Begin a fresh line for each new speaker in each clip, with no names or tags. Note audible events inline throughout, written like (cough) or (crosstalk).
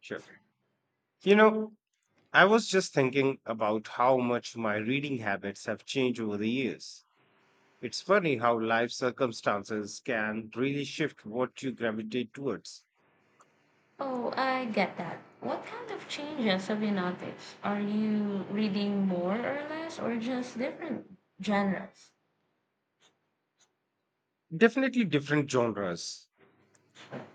Sure. You know, I was just thinking about how much my reading habits have changed over the years. It's funny how life circumstances can really shift what you gravitate towards.
Oh, I get that. What kind of changes have you noticed? Are you reading more or less, or just different genres?
Definitely different genres.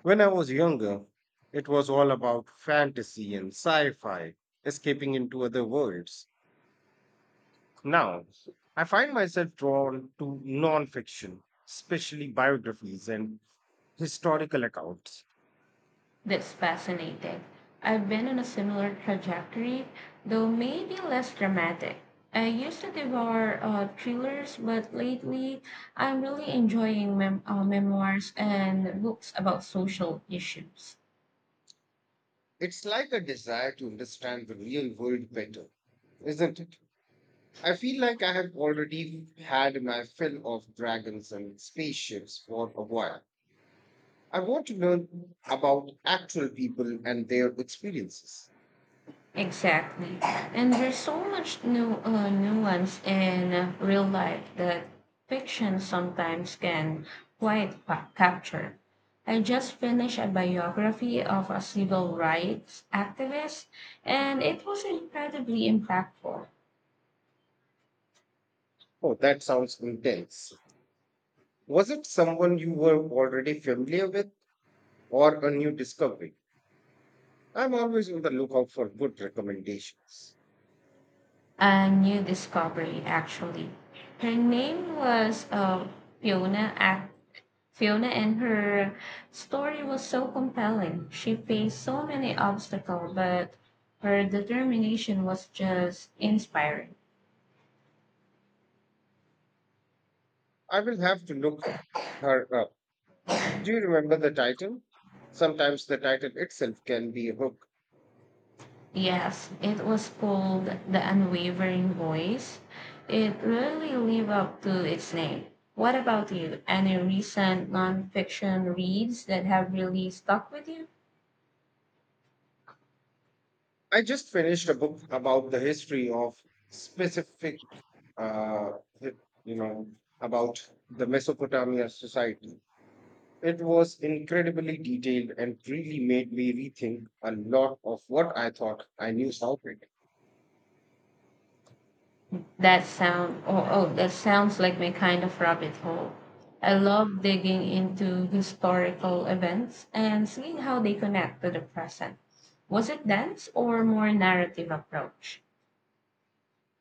When I was younger, it was all about fantasy and sci fi, escaping into other worlds. Now, I find myself drawn to non fiction, especially biographies and historical accounts.
That's fascinating. I've been on a similar trajectory, though maybe less dramatic. I used to devour thrillers, but lately I'm really enjoying memoirs and books about social issues.
It's like a desire to understand the real world better, isn't it? I feel like I have already had my fill of dragons and spaceships for a while. I want to learn about actual people and their experiences.
Exactly. And there's so much new nuance in real life that fiction sometimes can capture. I just finished a biography of a civil rights activist, and it was incredibly impactful.
Oh, that sounds intense. Was it someone you were already familiar with or a new discovery? I'm always on the lookout for good recommendations.
A new discovery, actually. Her name was Fiona. Fiona, and her story was so compelling. She faced so many obstacles, but her determination was just inspiring.
I will have to look her up. Do you remember the title? Sometimes the title itself can be a hook.
Yes, it was called The Unwavering Voice. It really lived up to its name. What about you? Any recent nonfiction reads that have really stuck with you?
I just finished a book about the history of specific, uh, you know, about the Mesopotamia society. It was incredibly detailed and really made me rethink a lot of what I thought I knew about it.
That sounds like my kind of rabbit hole. I love digging into historical events and seeing how they connect to the present. Was it dance or more narrative approach?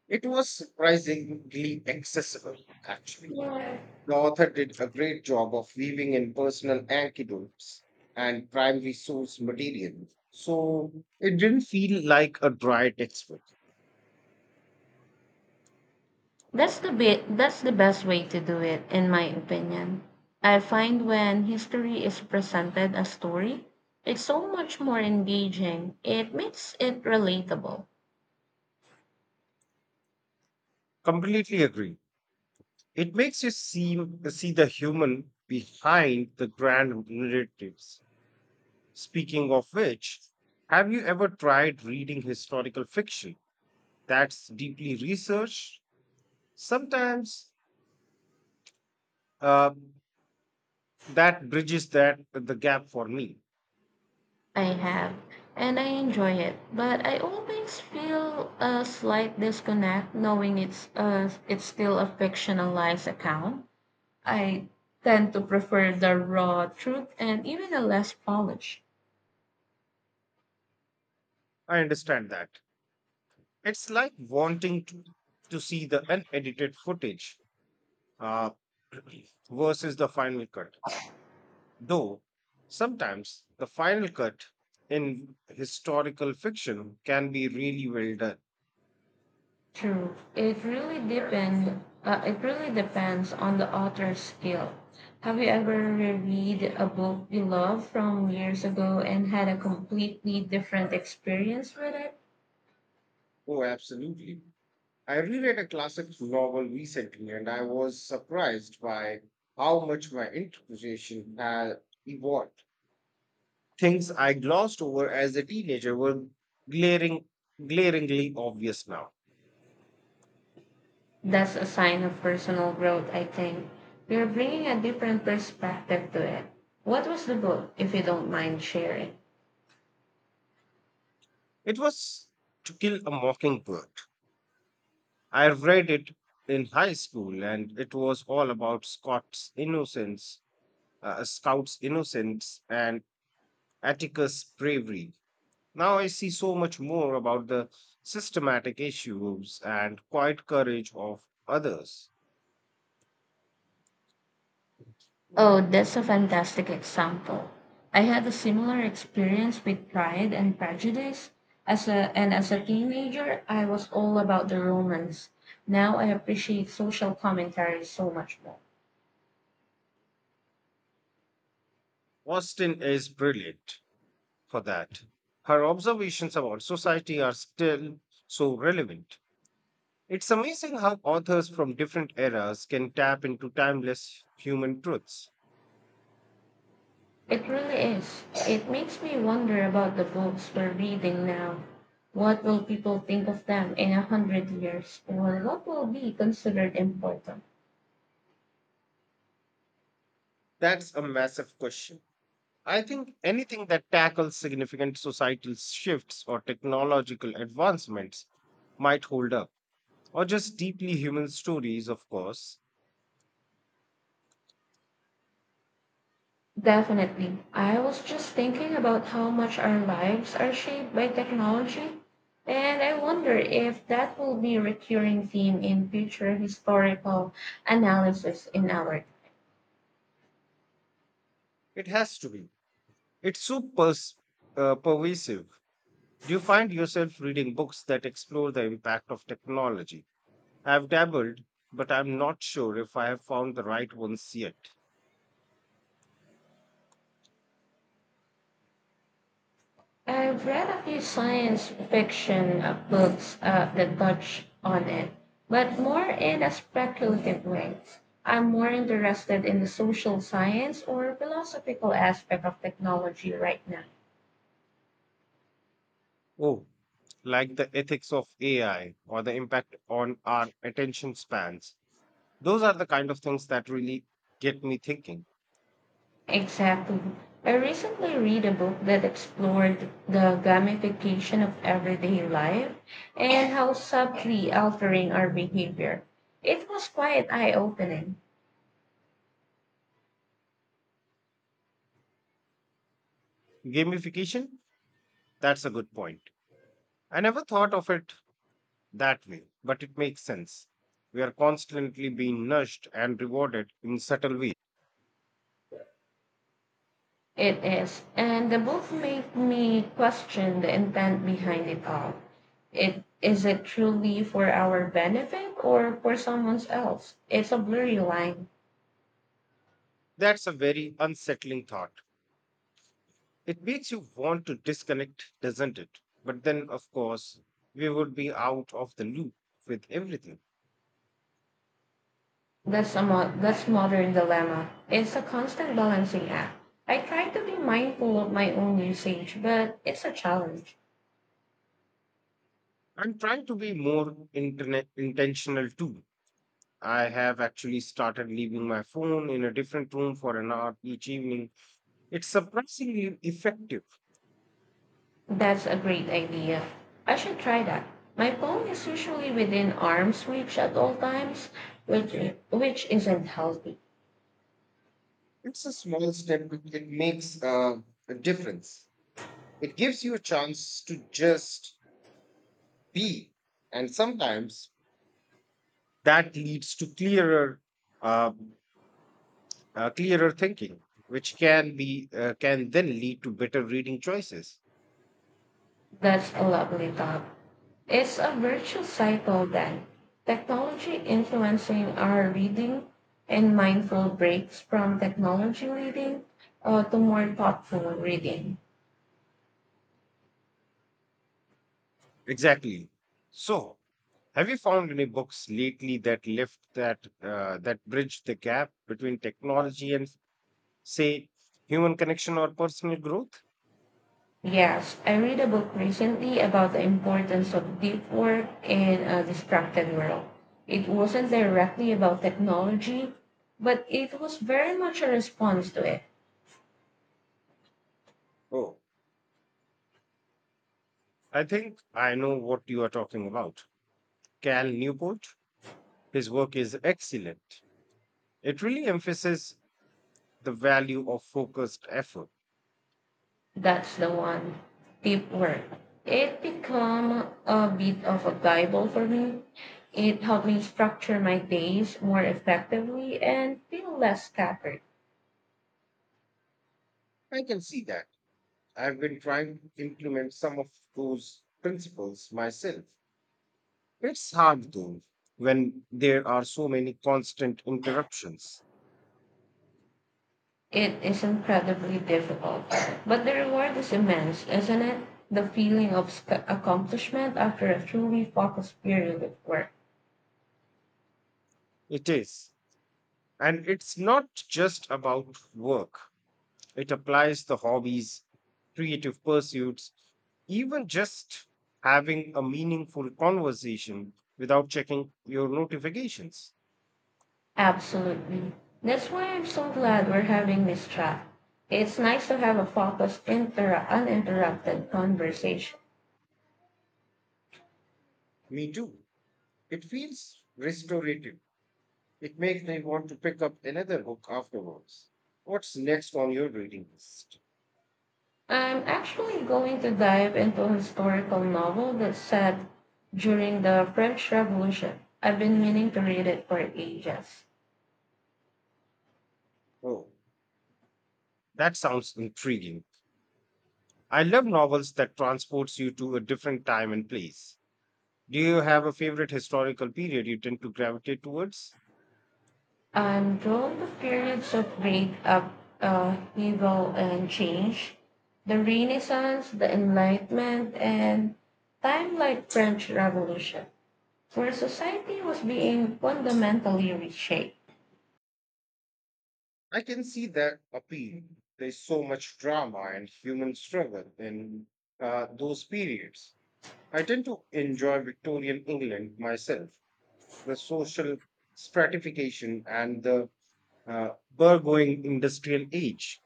It was surprisingly accessible, actually.
Yeah.
The author did a great job of weaving in personal anecdotes and primary source material, so it didn't feel like a dry textbook.
That's the best way to do it in my opinion. I find when history is presented as story, it's so much more engaging. It makes it relatable.
Completely agree. It makes you see the human behind the grand narratives. Speaking of which, have you ever tried reading historical fiction that's deeply researched? Sometimes uh, that bridges that the gap for me.
I have, and I enjoy it, but I always feel a slight disconnect knowing it's still a fictionalized account. I tend to prefer the raw truth and even the less polish.
I understand that. It's like wanting to see the unedited footage uh, (clears throat) versus the final cut. Though sometimes the final cut in historical fiction can be really well done.
True, it really depend it really depends on the author's skill. Have you ever reread a book you love from years ago and had a completely different experience with it?
Oh, absolutely. I reread a classic novel recently and I was surprised by how much my interpretation had evolved. Things I glossed over as a teenager were glaring, glaringly obvious now.
That's a sign of personal growth, I think. You're bringing a different perspective to it. What was the book, if you don't mind sharing?
It was To Kill a Mockingbird. I read it in high school and it was all about Scout's innocence and Atticus' bravery. Now I see so much more about the systematic issues and quiet courage of others.
Oh, that's a fantastic example. I had a similar experience with Pride and Prejudice. As a teenager, I was all about the romance. Now I appreciate social commentary so much more.
Austin is brilliant for that. Her observations about society are still so relevant. It's amazing how authors from different eras can tap into timeless human truths.
It really is. It makes me wonder about the books we're reading now. What will people think of them in a hundred years, or what will be considered important?
That's a massive question. I think anything that tackles significant societal shifts or technological advancements might hold up, or just deeply human stories, of course.
Definitely. I was just thinking about how much our lives are shaped by technology, and I wonder if that will be a recurring theme in future historical analysis in our.
It has to be. It's so pervasive. Do you find yourself reading books that explore the impact of technology? I've dabbled, but I'm not sure if I have found the right ones yet.
I've read a few science fiction books that touch on it, but more in a speculative way. I'm more interested in the social science or philosophical aspect of technology right now.
Oh, like the ethics of AI or the impact on our attention spans. Those are the kind of things that really get me thinking.
Exactly. I recently read a book that explored the gamification of everyday life and how subtly altering our behavior. It was quite eye opening.
Gamification, that's a good point. I never thought of it that way, but it makes sense. We are constantly being nudged and rewarded in subtle ways.
It is, and the book made me question the intent behind it all. It is it truly for our benefit or for someone else? It's a blurry line.
That's a very unsettling thought. It makes you want to disconnect, doesn't it? But then, of course, we would be out of the loop with everything.
That's modern dilemma. It's a constant balancing act. I try to be mindful of my own usage, but it's a challenge.
I'm trying to be more internet intentional too. I have actually started leaving my phone in a different room for an hour each evening. It's surprisingly effective.
That's a great idea. I should try that. My phone is usually within arm's reach at all times, which which isn't healthy.
It's a small step, but it makes a difference. It gives you a chance to just be. And sometimes that leads to uh, clearer thinking, which can be can then lead to better reading choices.
That's a lovely thought. It's a virtuous cycle then, technology influencing our reading and mindful breaks from technology reading to more thoughtful reading.
Exactly. So, have you found any books lately that left that that bridge the gap between technology and say human connection or personal growth?
Yes, I read a book recently about the importance of deep work in a distracted world. It wasn't directly about technology, but it was very much a response to it.
Oh, I think I know what you are talking about. Cal Newport, his work is excellent. It really emphasizes the value of focused effort.
That's the one. Deep work. It become a bit of a Bible for me. It helped me structure my days more effectively and feel less scattered.
I can see that. I've been trying to implement some of those principles myself. It's hard though when there are so many constant interruptions.
It is incredibly difficult, but the reward is immense, isn't it? The feeling of accomplishment after a truly focused period of work.
It is. And it's not just about work, it applies to hobbies, creative pursuits, even just having a meaningful conversation without checking your notifications.
Absolutely. That's why I'm so glad we're having this chat. It's nice to have a focused, uninterrupted conversation.
Me too. It feels restorative. It makes me want to pick up another book afterwards. What's next on your reading list?
I'm actually going to dive into a historical novel that's set during the French Revolution. I've been meaning to read it for ages.
Oh, that sounds intriguing. I love novels that transports you to a different time and place. Do you have a favorite historical period you tend to gravitate towards?
I'm drawn to periods of great evil and change, the Renaissance, the Enlightenment, and time like French Revolution, where society was being fundamentally reshaped.
I can see that appeal. There's so much drama and human struggle in those periods. I tend to enjoy Victorian England myself. The social stratification and the burgeoning industrial age.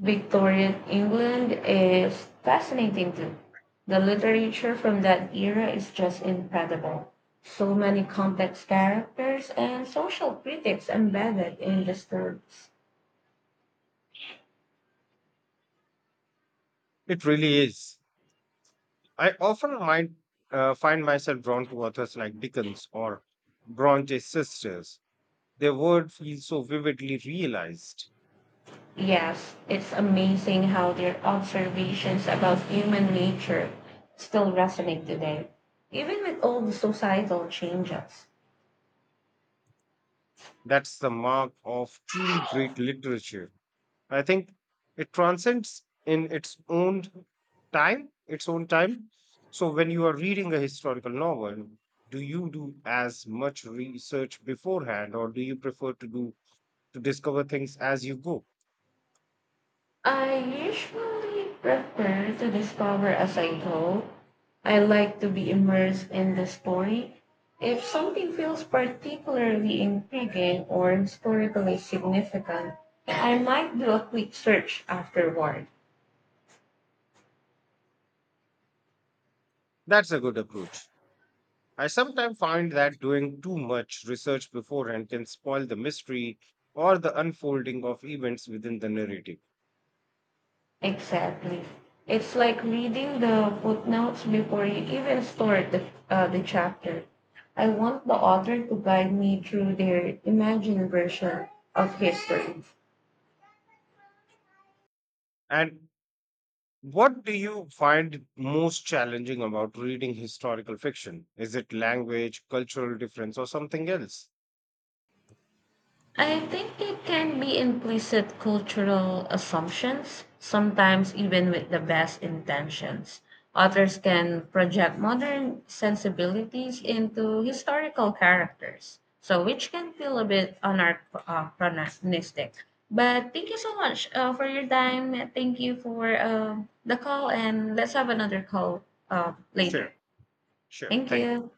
Victorian England is fascinating too. The literature from that era is just incredible. So many complex characters and social critics embedded in the stories.
It really is. I often find myself drawn to authors like Dickens or Bronte's sisters. Their world feels so vividly realized.
Yes, it's amazing how their observations about human nature still resonate today, even with all the societal changes.
That's the mark of truly great literature. I think it transcends in its own its own time. So when you are reading a historical novel, do you do as much research beforehand or do you prefer to discover things as you go.
I usually prefer to discover as I go. I like to be immersed in the story. If something feels particularly intriguing or historically significant, I might do a quick search afterward.
That's a good approach. I sometimes find that doing too much research beforehand can spoil the mystery or the unfolding of events within the narrative.
Exactly. It's like reading the footnotes before you even start the chapter. I want the author to guide me through their imagined version of history.
And what do you find most challenging about reading historical fiction? Is it language, cultural difference, or something else?
I think it can be implicit cultural assumptions, sometimes even with the best intentions. Authors can project modern sensibilities into historical characters, so which can feel a bit anachronistic. But thank you so much for your time. Thank you for the call, and let's have another call
Sure,
later.
sure.
Thank
Thank you.
you.